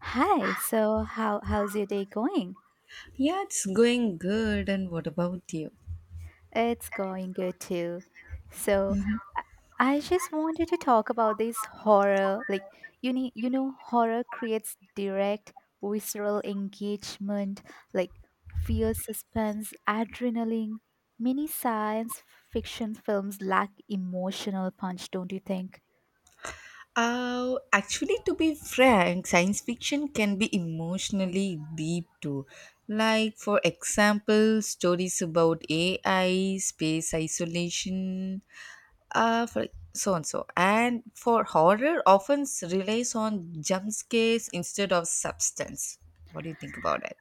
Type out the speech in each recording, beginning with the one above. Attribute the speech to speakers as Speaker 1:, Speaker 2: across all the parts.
Speaker 1: Hi. So how's your day going?
Speaker 2: Yeah, it's going good. And what about you?
Speaker 1: It's going good too. So I I just wanted to talk about this horror. Like you need, you know, horror creates direct visceral engagement, like fear, suspense, adrenaline. Many science fiction films lack emotional punch, don't you think?
Speaker 2: Actually, to be frank, science fiction can be emotionally deep too. Like, for example, stories about AI, space isolation, for so and so. And for horror, often relies on jump scares instead of substance. What do you think about it?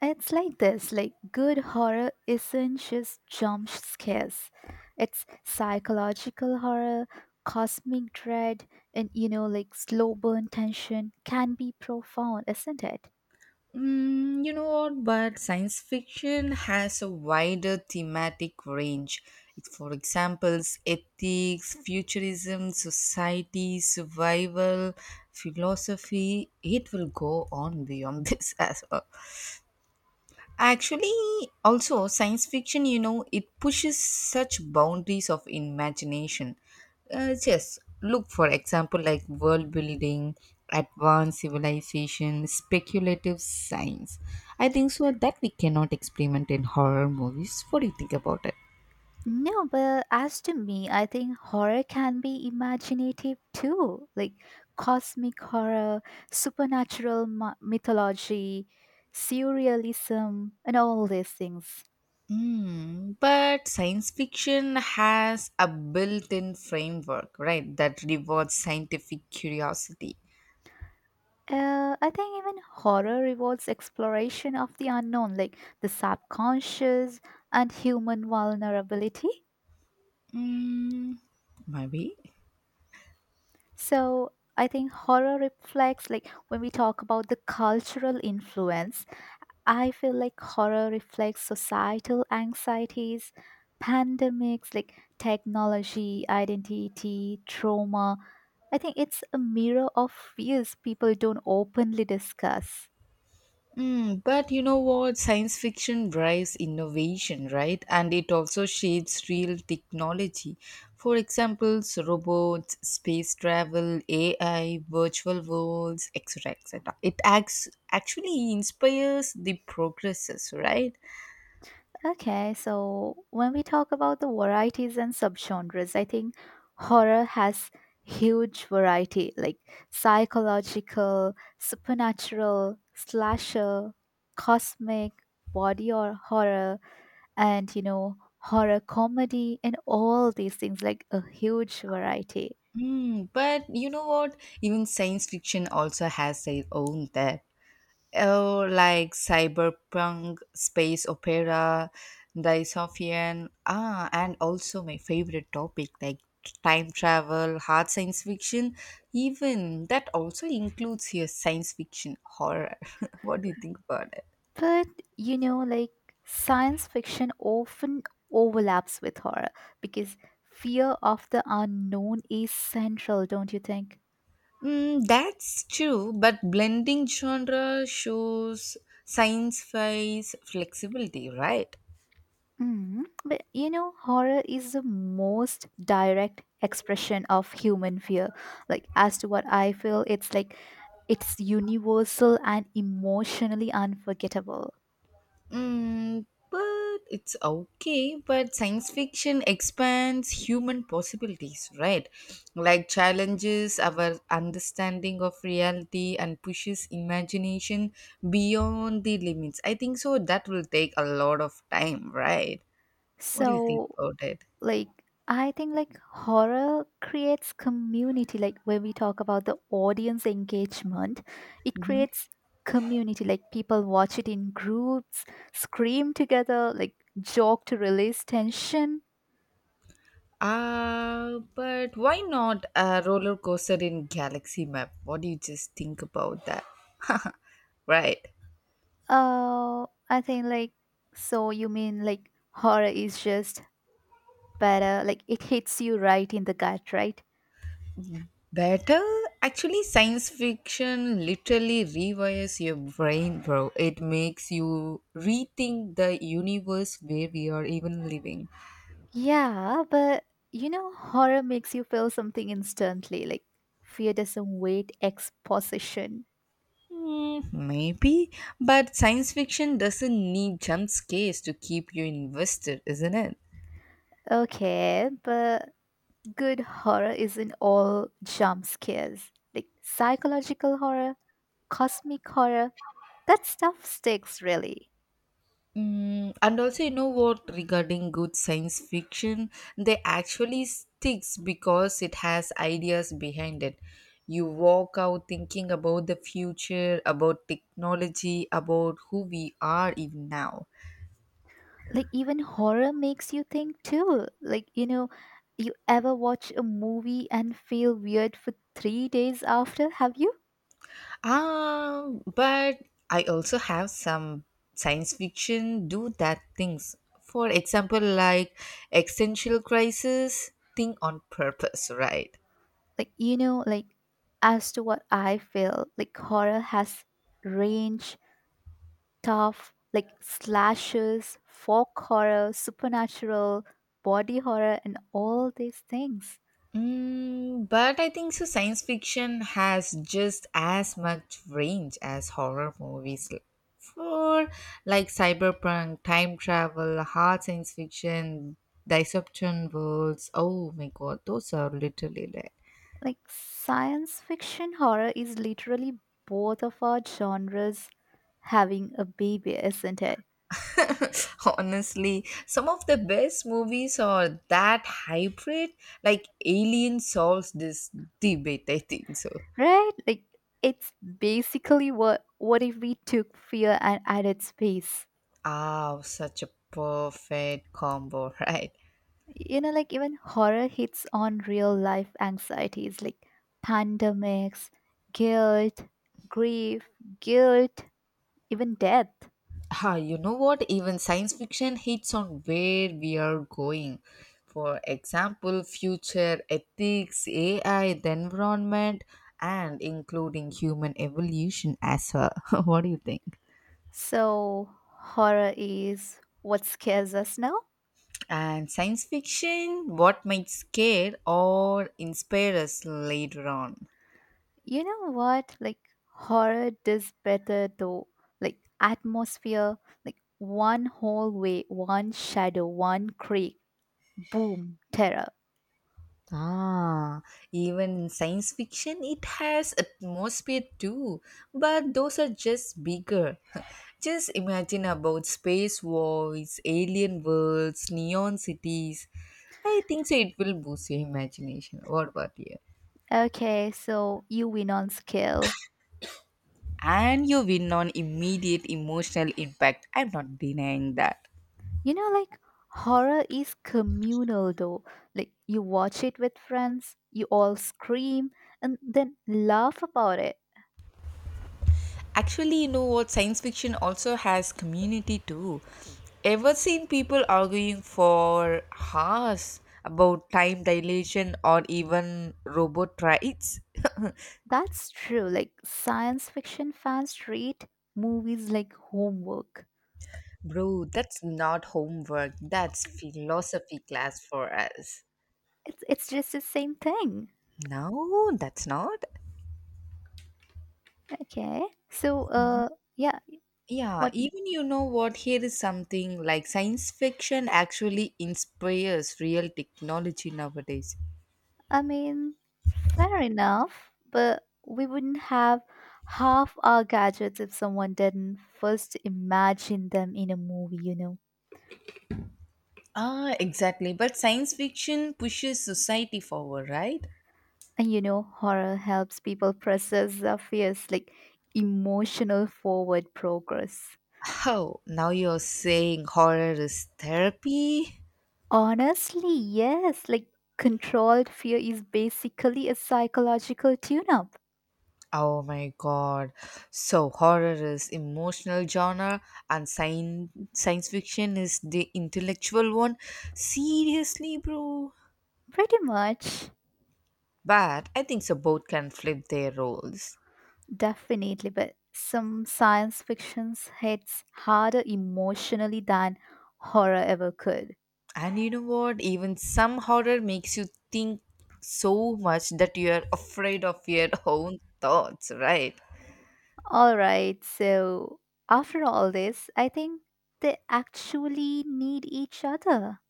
Speaker 1: It's like this like good horror isn't just jump scares. It's psychological horror, cosmic dread, and you know, like slow burn tension can be profound, isn't it?
Speaker 2: You know what? But science fiction has a wider thematic range. It's, for examples, ethics, futurism, society, survival, philosophy. It will go on beyond this as well. Actually, also science fiction, it pushes such boundaries of imagination. Just look, for example, like world building, advanced civilization, speculative science. I think so that we cannot experiment in horror movies. What do you think about it?
Speaker 1: No, but as to me, I think horror can be imaginative too, like cosmic horror, supernatural mythology, surrealism, and all these things.
Speaker 2: But science fiction has a built in framework, right, that rewards scientific curiosity.
Speaker 1: I think even horror revolves exploration of the unknown, like the subconscious and human vulnerability.
Speaker 2: Mm, maybe.
Speaker 1: So I think horror reflects, like when we talk about the cultural influence, I feel like horror reflects societal anxieties, pandemics, like technology, identity, trauma. I think it's a mirror of fears people don't openly discuss.
Speaker 2: But you know what? Science fiction drives innovation, right? And it also shapes real technology. For example, robots, space travel, AI, virtual worlds, etc., etc. It acts actually inspires the progresses, right?
Speaker 1: Okay, so when we talk about the varieties and subgenres, I think horror has huge variety like psychological, supernatural, slasher, cosmic, body or horror, and you know, horror comedy and all these things like a huge variety.
Speaker 2: But you know what? Even science fiction also has their own there. Oh, like cyberpunk, space opera, dystopian, and also my favorite topic like time travel, hard science fiction. Even that also includes here science fiction horror. What do you think about it?
Speaker 1: But you know, like science fiction often overlaps with horror because fear of the unknown is central, don't you think?
Speaker 2: That's true, but blending genre shows science-fi's flexibility, right?
Speaker 1: Mhm. But you know, horror is the most direct expression of human fear. Like, as to what I feel, it's like it's universal and emotionally unforgettable.
Speaker 2: Mm, but it's okay, but science fiction expands human possibilities, right? Like challenges our understanding of reality and pushes imagination beyond the limits. I think so. That will take a lot of time, right? What do you think
Speaker 1: So,
Speaker 2: about it?
Speaker 1: like, I think like horror creates community. Like, when we talk about the audience engagement, it
Speaker 2: hmm
Speaker 1: creates community. Like, people watch it in groups, scream together, like, joke to release tension.
Speaker 2: But why not a roller coaster in Galaxy Map? What do you just think about that? Right.
Speaker 1: Oh, I think like so you mean like horror is just better, like it hits you right in the gut, right?
Speaker 2: Better? Actually, science fiction literally rewires your brain, bro. It makes you rethink the universe where we are even living.
Speaker 1: Yeah, but you know, horror makes you feel something instantly, like fear doesn't wait exposition.
Speaker 2: Hmm, maybe, but science fiction doesn't need jump scares to keep you invested, isn't it?
Speaker 1: Okay, but good horror isn't all jump scares. Like psychological horror, cosmic horror, that stuff sticks really.
Speaker 2: And also, you know what, regarding good science fiction, they actually sticks because it has ideas behind it. You walk out thinking about the future, about technology, about who we are even now.
Speaker 1: Like even horror makes you think too, like, you know, you ever watch a movie and feel weird for 3 days after, have you?
Speaker 2: But I also have some science fiction do that things. For example, like existential crisis, think on purpose, right?
Speaker 1: Like, you know, like as to what I feel like horror has range tough, like slashes, folk horror, supernatural, body horror, and all these things.
Speaker 2: But I think so science fiction has just as much range as horror movies l- for like cyberpunk, time travel, hard science fiction, disruption worlds. Oh my god, those are literally like
Speaker 1: Like science fiction horror is literally both of our genres having a baby, isn't it?
Speaker 2: honestly some of the best movies are that hybrid like Alien solves this debate I think so.
Speaker 1: Right? Like it's basically what if we took fear and added space?
Speaker 2: Ah, such a perfect combo, right?
Speaker 1: You know, like even horror hits on real life anxieties like pandemics, guilt, grief, guilt, even death.
Speaker 2: Ha, you know what? Even science fiction hits on where we are going. For example, future ethics, AI, the environment, and including human evolution as well. What do you think?
Speaker 1: So horror is what scares us now.
Speaker 2: And science fiction, what might scare or inspire us later on?
Speaker 1: You know what? Like horror does better though. Like atmosphere, like one hallway, one shadow, one creak. Boom, terror.
Speaker 2: Ah, even in science fiction, it has atmosphere too, but those are just bigger. Just imagine about space voids, alien worlds, neon cities. I think so it will boost your imagination. What about you?
Speaker 1: Okay, so you win on skill.
Speaker 2: And you win on immediate emotional impact. I'm not denying that.
Speaker 1: You know, like horror is communal though. Like you watch it with friends, you all scream and then laugh about it.
Speaker 2: Actually, you know what? Science fiction also has community too. Ever seen people arguing for hours about time dilation or even robot rights?
Speaker 1: That's true. Like science fiction fans treat movies like homework.
Speaker 2: Bro, that's not homework. That's philosophy class for us.
Speaker 1: It's just the same thing.
Speaker 2: No, that's not.
Speaker 1: Okay. So, yeah,
Speaker 2: Yeah,
Speaker 1: what
Speaker 2: even you know what? Here is something like science fiction actually inspires real technology nowadays.
Speaker 1: I mean, fair enough, but we wouldn't have half our gadgets if someone didn't first imagine them in a movie, you know.
Speaker 2: Ah, exactly. But science fiction pushes society forward, right?
Speaker 1: And you know, horror helps people process their fears, like emotional forward progress.
Speaker 2: Oh, now you're saying horror is therapy?
Speaker 1: Honestly, yes, like controlled fear is basically a psychological tune up,
Speaker 2: Oh my god. So horror is emotional genre and science fiction is the intellectual one? Seriously, bro?
Speaker 1: pretty much.
Speaker 2: But I think so both can flip their roles.
Speaker 1: Definitely, but some science fictions hits harder emotionally than horror ever could.
Speaker 2: And you know what? Even some horror makes you think so much that you are afraid of your own thoughts, right?
Speaker 1: All right, so after all this, I think they actually need each other.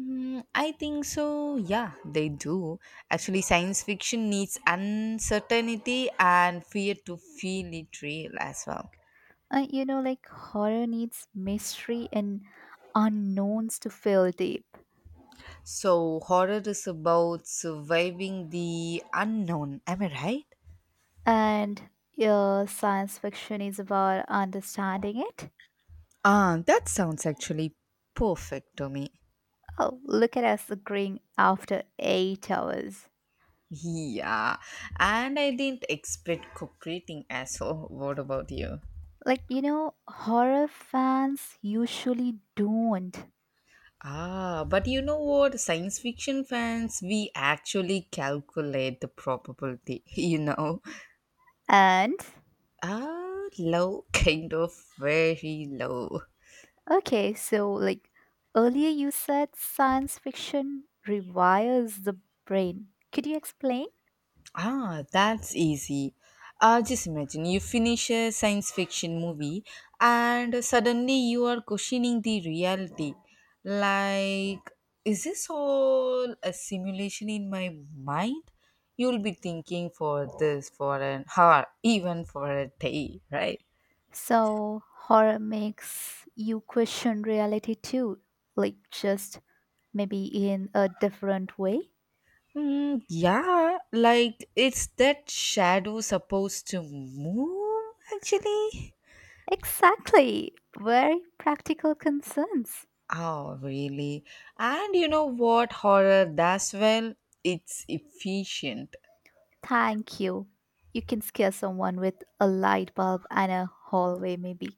Speaker 2: Mm, I think so. Yeah, they do. Actually, science fiction needs uncertainty and fear to feel it real as well.
Speaker 1: You know, like horror needs mystery and unknowns to feel deep,
Speaker 2: So, horror is about surviving the unknown. Am I right?
Speaker 1: and your science fiction is about understanding it.
Speaker 2: Ah, that sounds actually perfect to me.
Speaker 1: Oh, look at us agreeing after 8 hours.
Speaker 2: Yeah, and I didn't expect cooperating as well. What about you?
Speaker 1: Like, you know, horror fans usually don't.
Speaker 2: Ah, but you know what? Science fiction fans, we actually calculate the probability, you know?
Speaker 1: And,
Speaker 2: Ah, low, kind of very low.
Speaker 1: okay, so like earlier you said science fiction rewires the brain. Could you explain?
Speaker 2: Ah, that's easy. Just imagine you finish a science fiction movie and suddenly you are questioning the reality. Like, is this all a simulation in my mind? You'll be thinking for this for an hour, even for a day, right?
Speaker 1: So, horror makes you question reality too, like just maybe in a different way.
Speaker 2: Yeah, like, it's that shadow supposed to move actually?
Speaker 1: Exactly. Very practical concerns.
Speaker 2: Oh, really? And you know what horror does well? It's efficient.
Speaker 1: Thank you. You can scare someone with a light bulb and a hallway, maybe.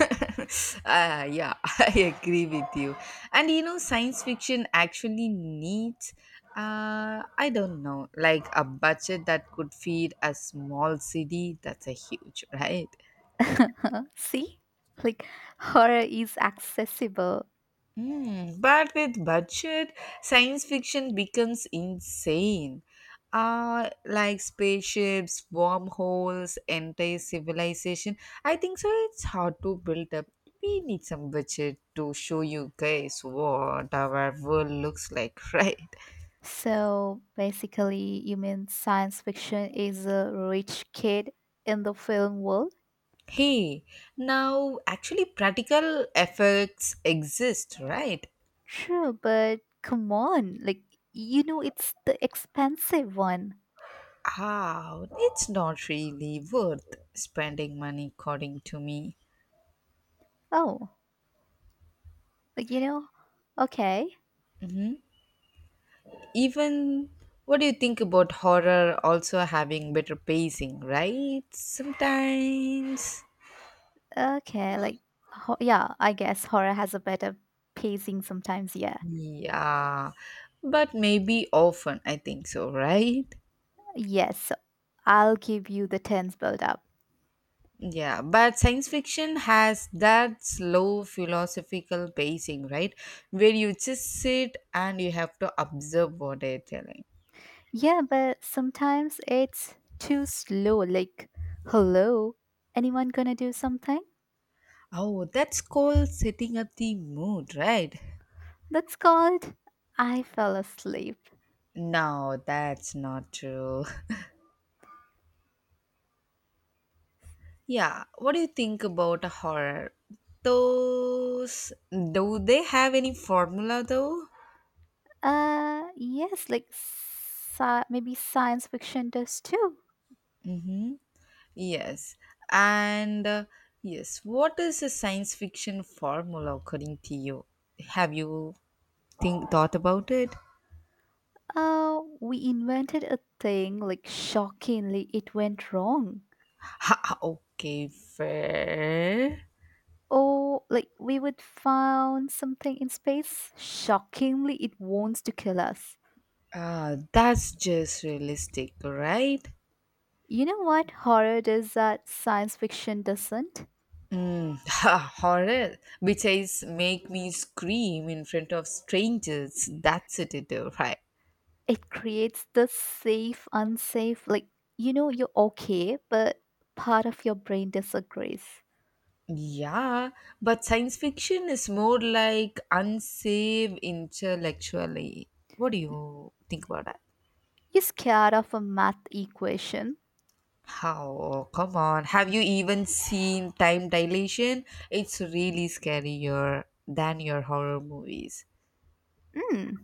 Speaker 2: Yeah, I agree with you. And you know, science fiction actually needs, I don't know, like a budget that could feed a small city. That's a huge, right?
Speaker 1: See? Like horror is accessible.
Speaker 2: Hmm, but with budget, science fiction becomes insane. Like spaceships, wormholes, entire civilization. I think so. It's hard to build up. We need some budget to show you guys what our world looks like, right?
Speaker 1: So basically, you mean science fiction is a rich kid in the film world?
Speaker 2: Hey, now actually, practical effects exist, right?
Speaker 1: True, but come on. Like, you know, it's the expensive one.
Speaker 2: Ah, it's not really worth spending money, according to me.
Speaker 1: Oh, like, you know, okay,
Speaker 2: Even what do you think about horror also having better pacing, right? Sometimes.
Speaker 1: okay. Like, yeah, I guess horror has a better pacing sometimes. Yeah.
Speaker 2: Yeah. But maybe often, I think so, right?
Speaker 1: Yes, I'll give you the tense build up.
Speaker 2: Yeah, but science fiction has that slow philosophical pacing, right? Where you just sit and you have to observe what they're telling.
Speaker 1: Yeah, but sometimes it's too slow. Like, hello, anyone gonna do something?
Speaker 2: Oh, that's called setting up the mood, right?
Speaker 1: That's called I fell asleep.
Speaker 2: No, that's not true. Yeah, what do you think about a horror? Those do they have any formula though?
Speaker 1: Yes, like maybe science fiction does too.
Speaker 2: Hmm? Yes, and yes, what is a science fiction formula according to you? Have you think thought about it?
Speaker 1: We invented a thing, like shockingly, it went wrong.
Speaker 2: Ha, okay, fair.
Speaker 1: Or like we would found something in space, shockingly, it wants to kill us.
Speaker 2: That's just realistic, right?
Speaker 1: You know what horror does that science fiction doesn't?
Speaker 2: Ha, horror, which is make me scream in front of strangers. That's it, right?
Speaker 1: It creates the safe, unsafe, like, you know, you're okay, but part of your brain disagrees.
Speaker 2: Yeah, but science fiction is more like unsafe intellectually. What do you think about that?
Speaker 1: You're scared of a math equation.
Speaker 2: How? Come on. Have you even seen time dilation? It's really scarier than your horror movies.
Speaker 1: Mm,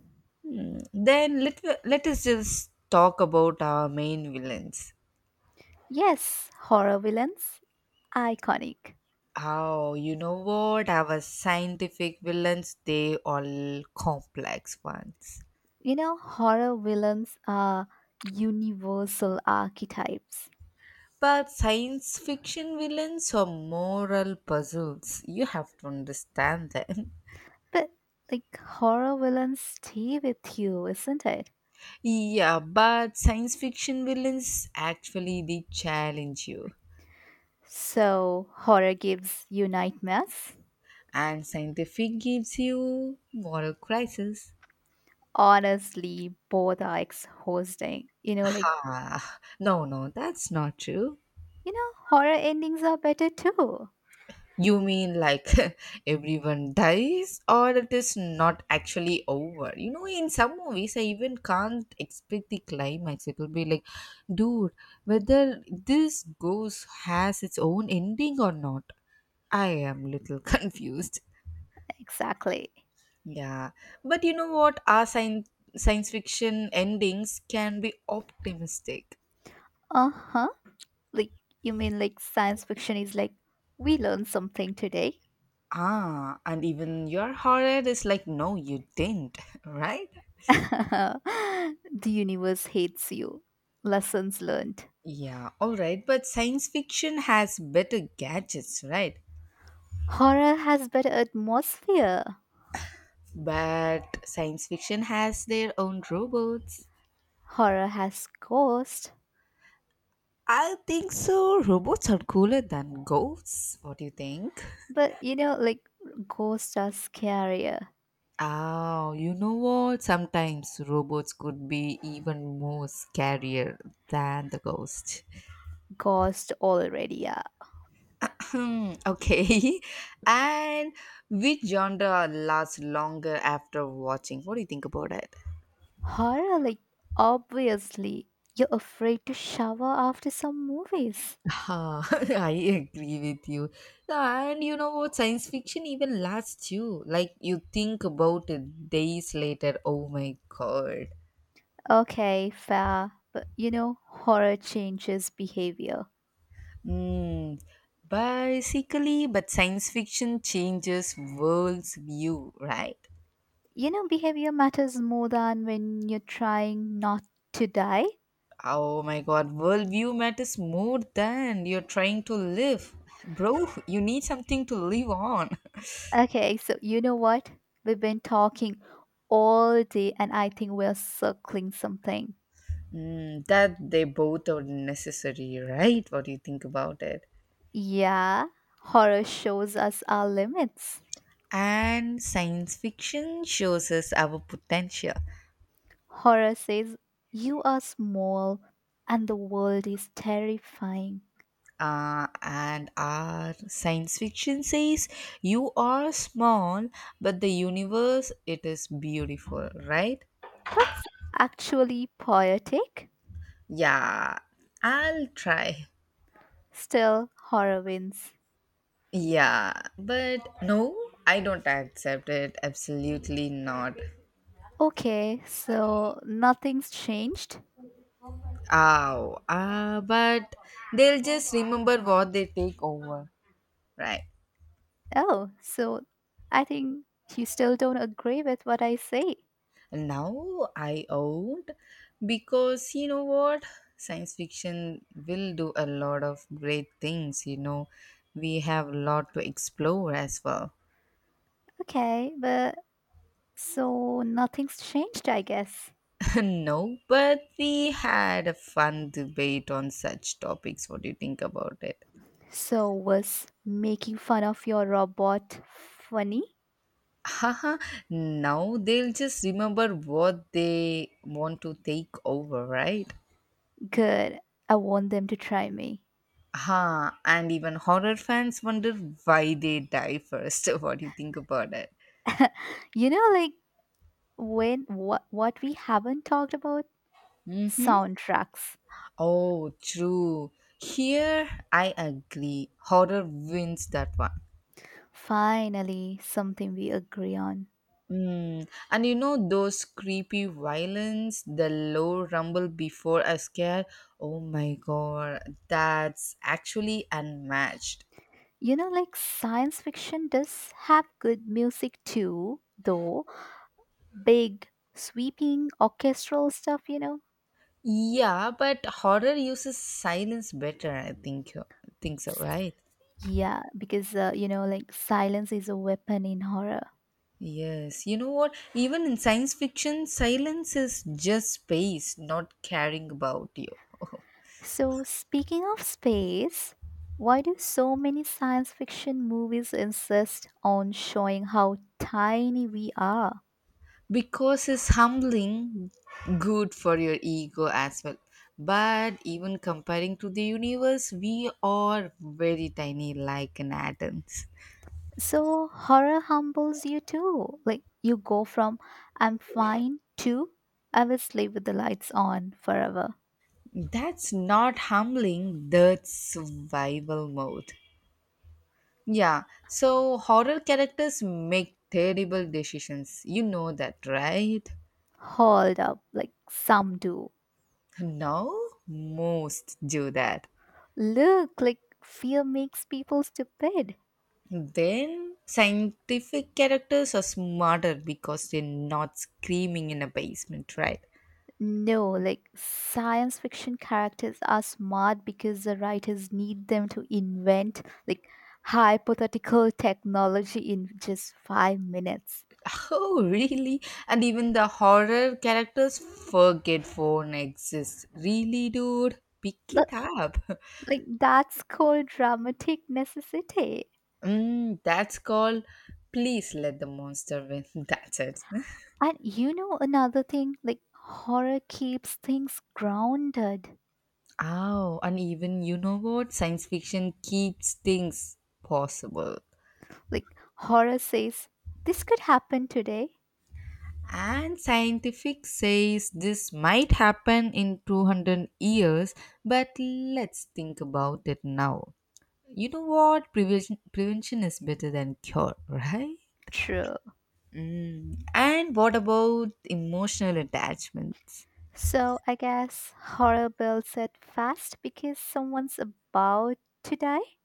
Speaker 2: Then let us just talk about our main villains.
Speaker 1: yes, horror villains, iconic.
Speaker 2: Oh, you know what? Our scientific villains, they all complex ones.
Speaker 1: You know, horror villains are universal archetypes,
Speaker 2: But science fiction villains are moral puzzles. You have to understand them.
Speaker 1: but like horror villains stay with you, isn't it?
Speaker 2: Yeah, but science fiction villains actually they challenge you,
Speaker 1: So, horror gives you nightmares.
Speaker 2: and scientific gives you moral crisis.
Speaker 1: Honestly both are exhausting. You know like
Speaker 2: Ha! No, no, that's not true.
Speaker 1: you know, horror endings are better too.
Speaker 2: You mean like everyone dies, or it is not actually over? You know, in some movies, I even can't expect the climax. It will be like, dude, whether this ghost has its own ending or not. I am little confused.
Speaker 1: Exactly.
Speaker 2: Yeah, but you know what? Our science fiction endings can be optimistic.
Speaker 1: Uh huh. Like, you mean like science fiction is like, we learned something today.
Speaker 2: Ah, and even your horror is like, no, you didn't, right?
Speaker 1: The universe hates you. Lessons learned.
Speaker 2: Yeah, all right. But science fiction has better gadgets, right?
Speaker 1: Horror has better atmosphere.
Speaker 2: But science fiction has their own robots.
Speaker 1: Horror has ghosts.
Speaker 2: I think so. Robots are cooler than ghosts. What do you think?
Speaker 1: But you know, like, ghosts are scarier.
Speaker 2: Oh, you know what? Sometimes robots could be even more scarier than the ghost.
Speaker 1: Ghosts already are.
Speaker 2: Hmm, okay. And which genre lasts longer after watching? What do you think about it?
Speaker 1: Horror, like, obviously, you're afraid to shower after some movies.
Speaker 2: Ha, I agree with you. And you know what? Science fiction even lasts you. Like you think about it days later. Oh my god.
Speaker 1: Okay, fair. But you know, horror changes behavior.
Speaker 2: Mm. Basically, but science fiction changes world's view, right?
Speaker 1: You know, behavior matters more than when you're trying not to die.
Speaker 2: Oh my god, worldview matters more than you're trying to live. Bro, you need something to live on.
Speaker 1: Okay, so you know what? We've been talking all day and I think we're circling something.
Speaker 2: Mm, that they both are necessary, right? What do you think about it?
Speaker 1: Yeah, horror shows us our limits.
Speaker 2: And science fiction shows us our potential.
Speaker 1: Horror says you are small and the world is terrifying.
Speaker 2: And our science fiction says you are small, but the universe it is beautiful, right?
Speaker 1: That's actually poetic.
Speaker 2: Yeah, I'll try.
Speaker 1: Still, horror wins.
Speaker 2: Yeah, but no, I don't accept it. Absolutely not.
Speaker 1: Okay, so nothing's changed?
Speaker 2: Ow. But they'll just remember what they take over. Right.
Speaker 1: Oh, so I think you still don't agree with what I say.
Speaker 2: Now I owned because you know what? Science fiction will do a lot of great things, you know. We have a lot to explore as well.
Speaker 1: Okay, but so nothing's changed, I guess.
Speaker 2: No, but we had a fun debate on such topics. What do you think about it?
Speaker 1: So was making fun of your robot funny?
Speaker 2: Haha, now they'll just remember what they want to take over, right?
Speaker 1: Good. I want them to try me.
Speaker 2: Ha, and even horror fans wonder why they die first. What do you think about it?
Speaker 1: You know, like when what we haven't talked about?
Speaker 2: Mhm.
Speaker 1: Soundtracks.
Speaker 2: Oh, true. Here, I agree. Horror wins that one.
Speaker 1: Finally, something we agree on.
Speaker 2: Mm. And you know those creepy violins, the low rumble before a scare? Oh my god, that's actually unmatched.
Speaker 1: You know, like science fiction does have good music too, though. Big, sweeping, orchestral stuff, you know?
Speaker 2: Yeah, but horror uses silence better, I think. Think so, right?
Speaker 1: Yeah, because, you know, like silence is a weapon in horror.
Speaker 2: Yes, you know what? Even in science fiction, silence is just space, not caring about you.
Speaker 1: So, speaking of space, why do so many science fiction movies insist on showing how tiny we are?
Speaker 2: Because it's humbling good for your ego as well but even comparing to the universe we are very tiny like an atoms.
Speaker 1: So, horror humbles you too. Like, you go from I'm fine to I will sleep with the lights on forever.
Speaker 2: That's not humbling, that's survival mode. Yeah, so horror characters make terrible decisions you know that right?
Speaker 1: Hold up, like some do.
Speaker 2: No, most do that.
Speaker 1: Look, like fear makes people stupid.
Speaker 2: Then scientific characters are smarter because they're not screaming in a basement, right?
Speaker 1: No, like science fiction characters are smart because the writers need them to invent like hypothetical technology in just 5 minutes.
Speaker 2: Oh, really? And even the horror characters forget phone exists. Really, dude? Pick it
Speaker 1: That,
Speaker 2: up.
Speaker 1: like that's called dramatic necessity.
Speaker 2: Mm, that's called please let the monster win. That's it.
Speaker 1: And you know another thing, like horror keeps things grounded.
Speaker 2: Oh, and even you know what? Science fiction keeps things possible.
Speaker 1: Like horror says, this could happen today.
Speaker 2: And scientific says this might happen in 200 years, but let's think about it now. You know what? Prevention is better than cure, right?
Speaker 1: True.
Speaker 2: Mm. And what about emotional attachments?
Speaker 1: So I guess horror builds it fast because someone's about to die.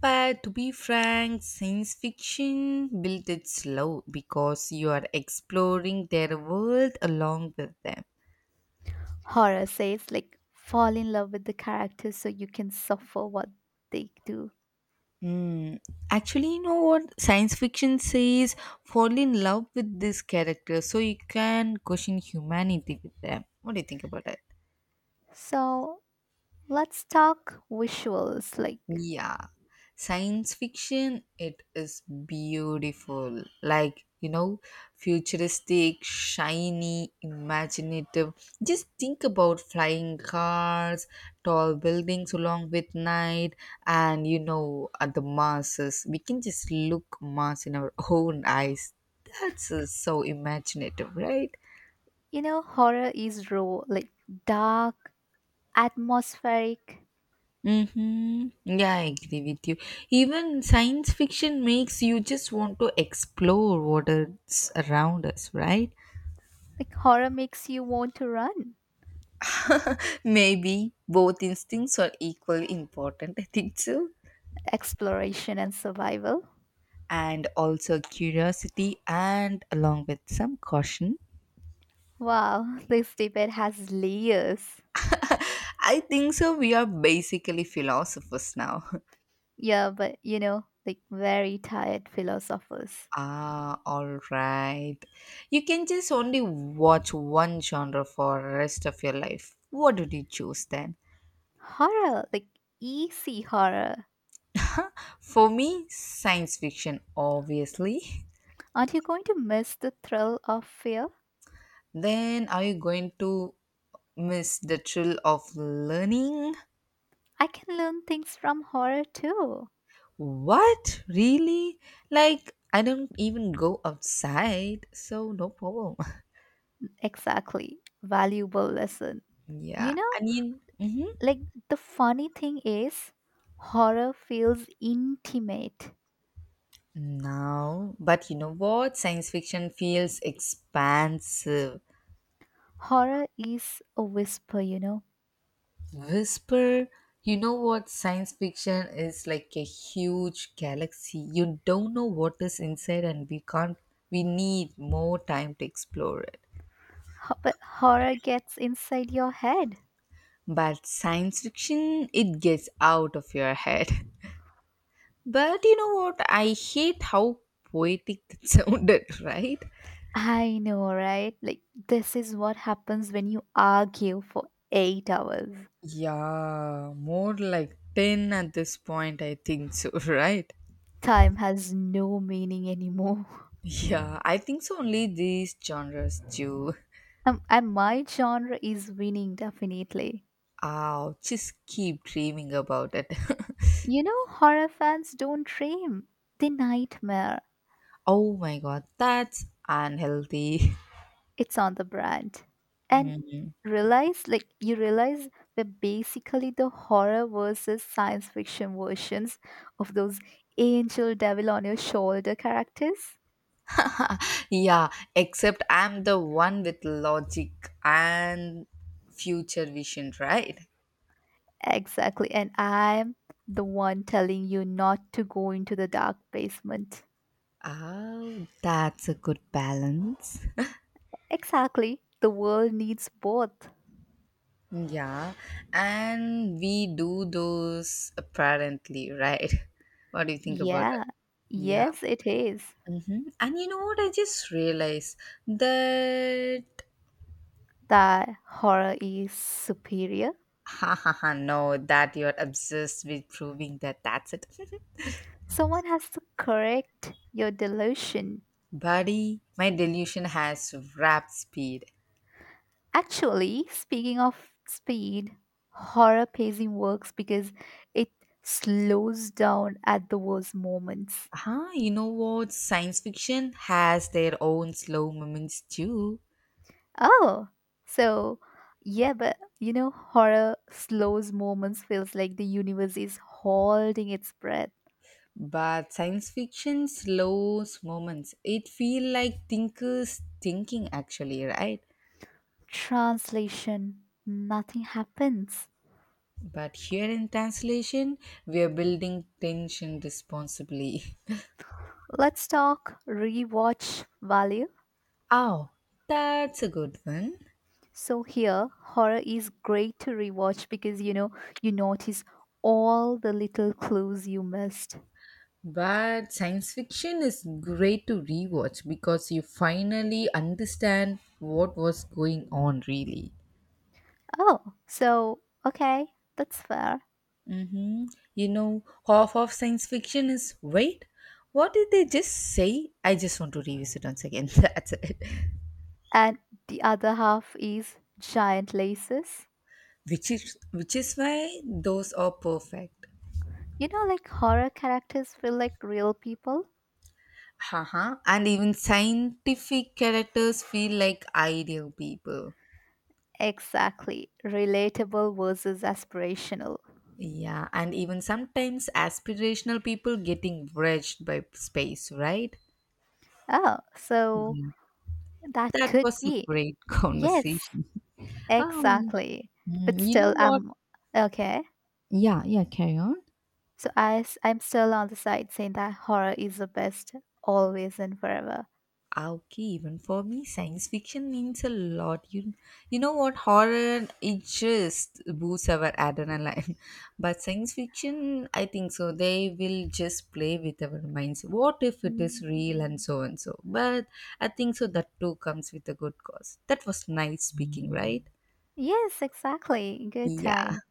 Speaker 2: But to be frank, science fiction built it slow because you are exploring their world along with them.
Speaker 1: Horror says like fall in love with the character so you can suffer what they do.
Speaker 2: Actually, you know what science fiction says fall in love with this character so you can question humanity with them. What do you think about it?
Speaker 1: So let's talk visuals. Like
Speaker 2: Yeah, science fiction, it is beautiful. Futuristic, shiny, imaginative. Just think about flying cars, tall buildings along with night, and at the masses. We can just look Mars in our own eyes. That's so imaginative, right?
Speaker 1: you know, horror is raw, like dark, atmospheric.
Speaker 2: Mm-hmm. Yeah, I agree with you. Even science fiction makes you just want to explore what is around us, right?
Speaker 1: Like horror makes you want to run.
Speaker 2: Maybe both instincts are equally important, I think so.
Speaker 1: Exploration and survival.
Speaker 2: And also curiosity, and along with some caution.
Speaker 1: Wow, this debate has layers.
Speaker 2: I think so. We are basically philosophers now.
Speaker 1: Yeah, but you know, like very tired philosophers.
Speaker 2: Ah, all right. You can just only watch one genre for the rest of your life. What did you choose then?
Speaker 1: Horror, like easy horror.
Speaker 2: For me, science fiction, obviously.
Speaker 1: Aren't you going to miss the thrill of fear?
Speaker 2: Then are you going to miss the thrill of learning?
Speaker 1: I can learn things from horror too.
Speaker 2: What? Really? Like, I don't even go outside, so no problem.
Speaker 1: Exactly. Valuable lesson.
Speaker 2: Yeah,
Speaker 1: You know,
Speaker 2: I mean, mhm.
Speaker 1: like the funny thing is, horror feels intimate.
Speaker 2: No, but you know what? Science fiction feels expansive.
Speaker 1: Horror is a whisper, you know,
Speaker 2: Whisper, you know what? Science fiction is like a huge galaxy. You don't know what is inside, and we can't, we need more time to explore it.
Speaker 1: But horror gets inside your head.
Speaker 2: But science fiction, it gets out of your head. But you know what? I hate how poetic that sounded, right?
Speaker 1: I know, right? Like, this is what happens when you argue for 8 hours.
Speaker 2: Yeah, more like 10 at this point, I think so, right?
Speaker 1: Time has no meaning anymore.
Speaker 2: Yeah, I think so. Only these genres do.
Speaker 1: And my genre is winning, definitely.
Speaker 2: Oh, just keep dreaming about it.
Speaker 1: You know, horror fans don't dream, they nightmare.
Speaker 2: Oh my god, that's unhealthy.
Speaker 1: It's on the brand. And realize, like, you realize we're basically the horror versus science fiction versions of those angel devil on your shoulder characters.
Speaker 2: Yeah, except I'm the one with logic and future vision, right?
Speaker 1: Exactly. And I'm the one telling you not to go into the dark basement.
Speaker 2: Oh, that's a good balance.
Speaker 1: Exactly. The world needs both.
Speaker 2: Yeah, and we do those apparently, right? What do you think about that?
Speaker 1: Yeah.
Speaker 2: Yeah.
Speaker 1: Yes, it is.
Speaker 2: Hmm. And you know what? I just realized that.
Speaker 1: That horror is superior.
Speaker 2: Ha ha ha, no, that you're obsessed with proving that. That's it.
Speaker 1: Someone has to correct your delusion.
Speaker 2: Buddy, my delusion has rap speed.
Speaker 1: Actually, speaking of speed, horror pacing works because it slows down at the worst moments.
Speaker 2: Huh, you know what? Science fiction has their own slow moments too.
Speaker 1: Oh, so yeah, but you know, horror slows moments feels like the universe is holding its breath.
Speaker 2: But science fiction slows moments. It feel like thinkers thinking actually, right?
Speaker 1: Translation, nothing happens.
Speaker 2: But here in translation, we are building tension responsibly.
Speaker 1: Let's talk rewatch value.
Speaker 2: Oh, that's a good one.
Speaker 1: So here, horror is great to rewatch because you know, you notice all the little clues you missed.
Speaker 2: But science fiction is great to rewatch because you finally understand what was going on, really.
Speaker 1: Oh, so okay, that's fair.
Speaker 2: Mm-hmm. You know, half of science fiction is wait, what did they just say? I just want to revisit once again. That's it.
Speaker 1: And the other half is giant laces.
Speaker 2: Which is why those are perfect.
Speaker 1: You know, like horror characters feel like real people.
Speaker 2: Haha. And even scientific characters feel like ideal people.
Speaker 1: Exactly. Relatable versus aspirational.
Speaker 2: Yeah, and even sometimes aspirational people getting wretched by space, right?
Speaker 1: Oh, so that
Speaker 2: That
Speaker 1: could
Speaker 2: was a
Speaker 1: be.
Speaker 2: great
Speaker 1: Yes,
Speaker 2: conversation. Um,
Speaker 1: exactly.
Speaker 2: Mm,
Speaker 1: But
Speaker 2: you know
Speaker 1: still,
Speaker 2: what?
Speaker 1: I'm okay.
Speaker 2: Yeah, yeah, carry on.
Speaker 1: So I'm still on the side saying that horror is the best, always and forever.
Speaker 2: Ah, okay, even for me, science fiction means a lot. You know what? Horror, it just boosts our adrenaline. But science fiction, I think so. They will just play with our minds. What if it is real and so and so? But I think so that too comes with a good cause. That was nice speaking, right?
Speaker 1: Yes, exactly. Good
Speaker 2: Yeah.
Speaker 1: time.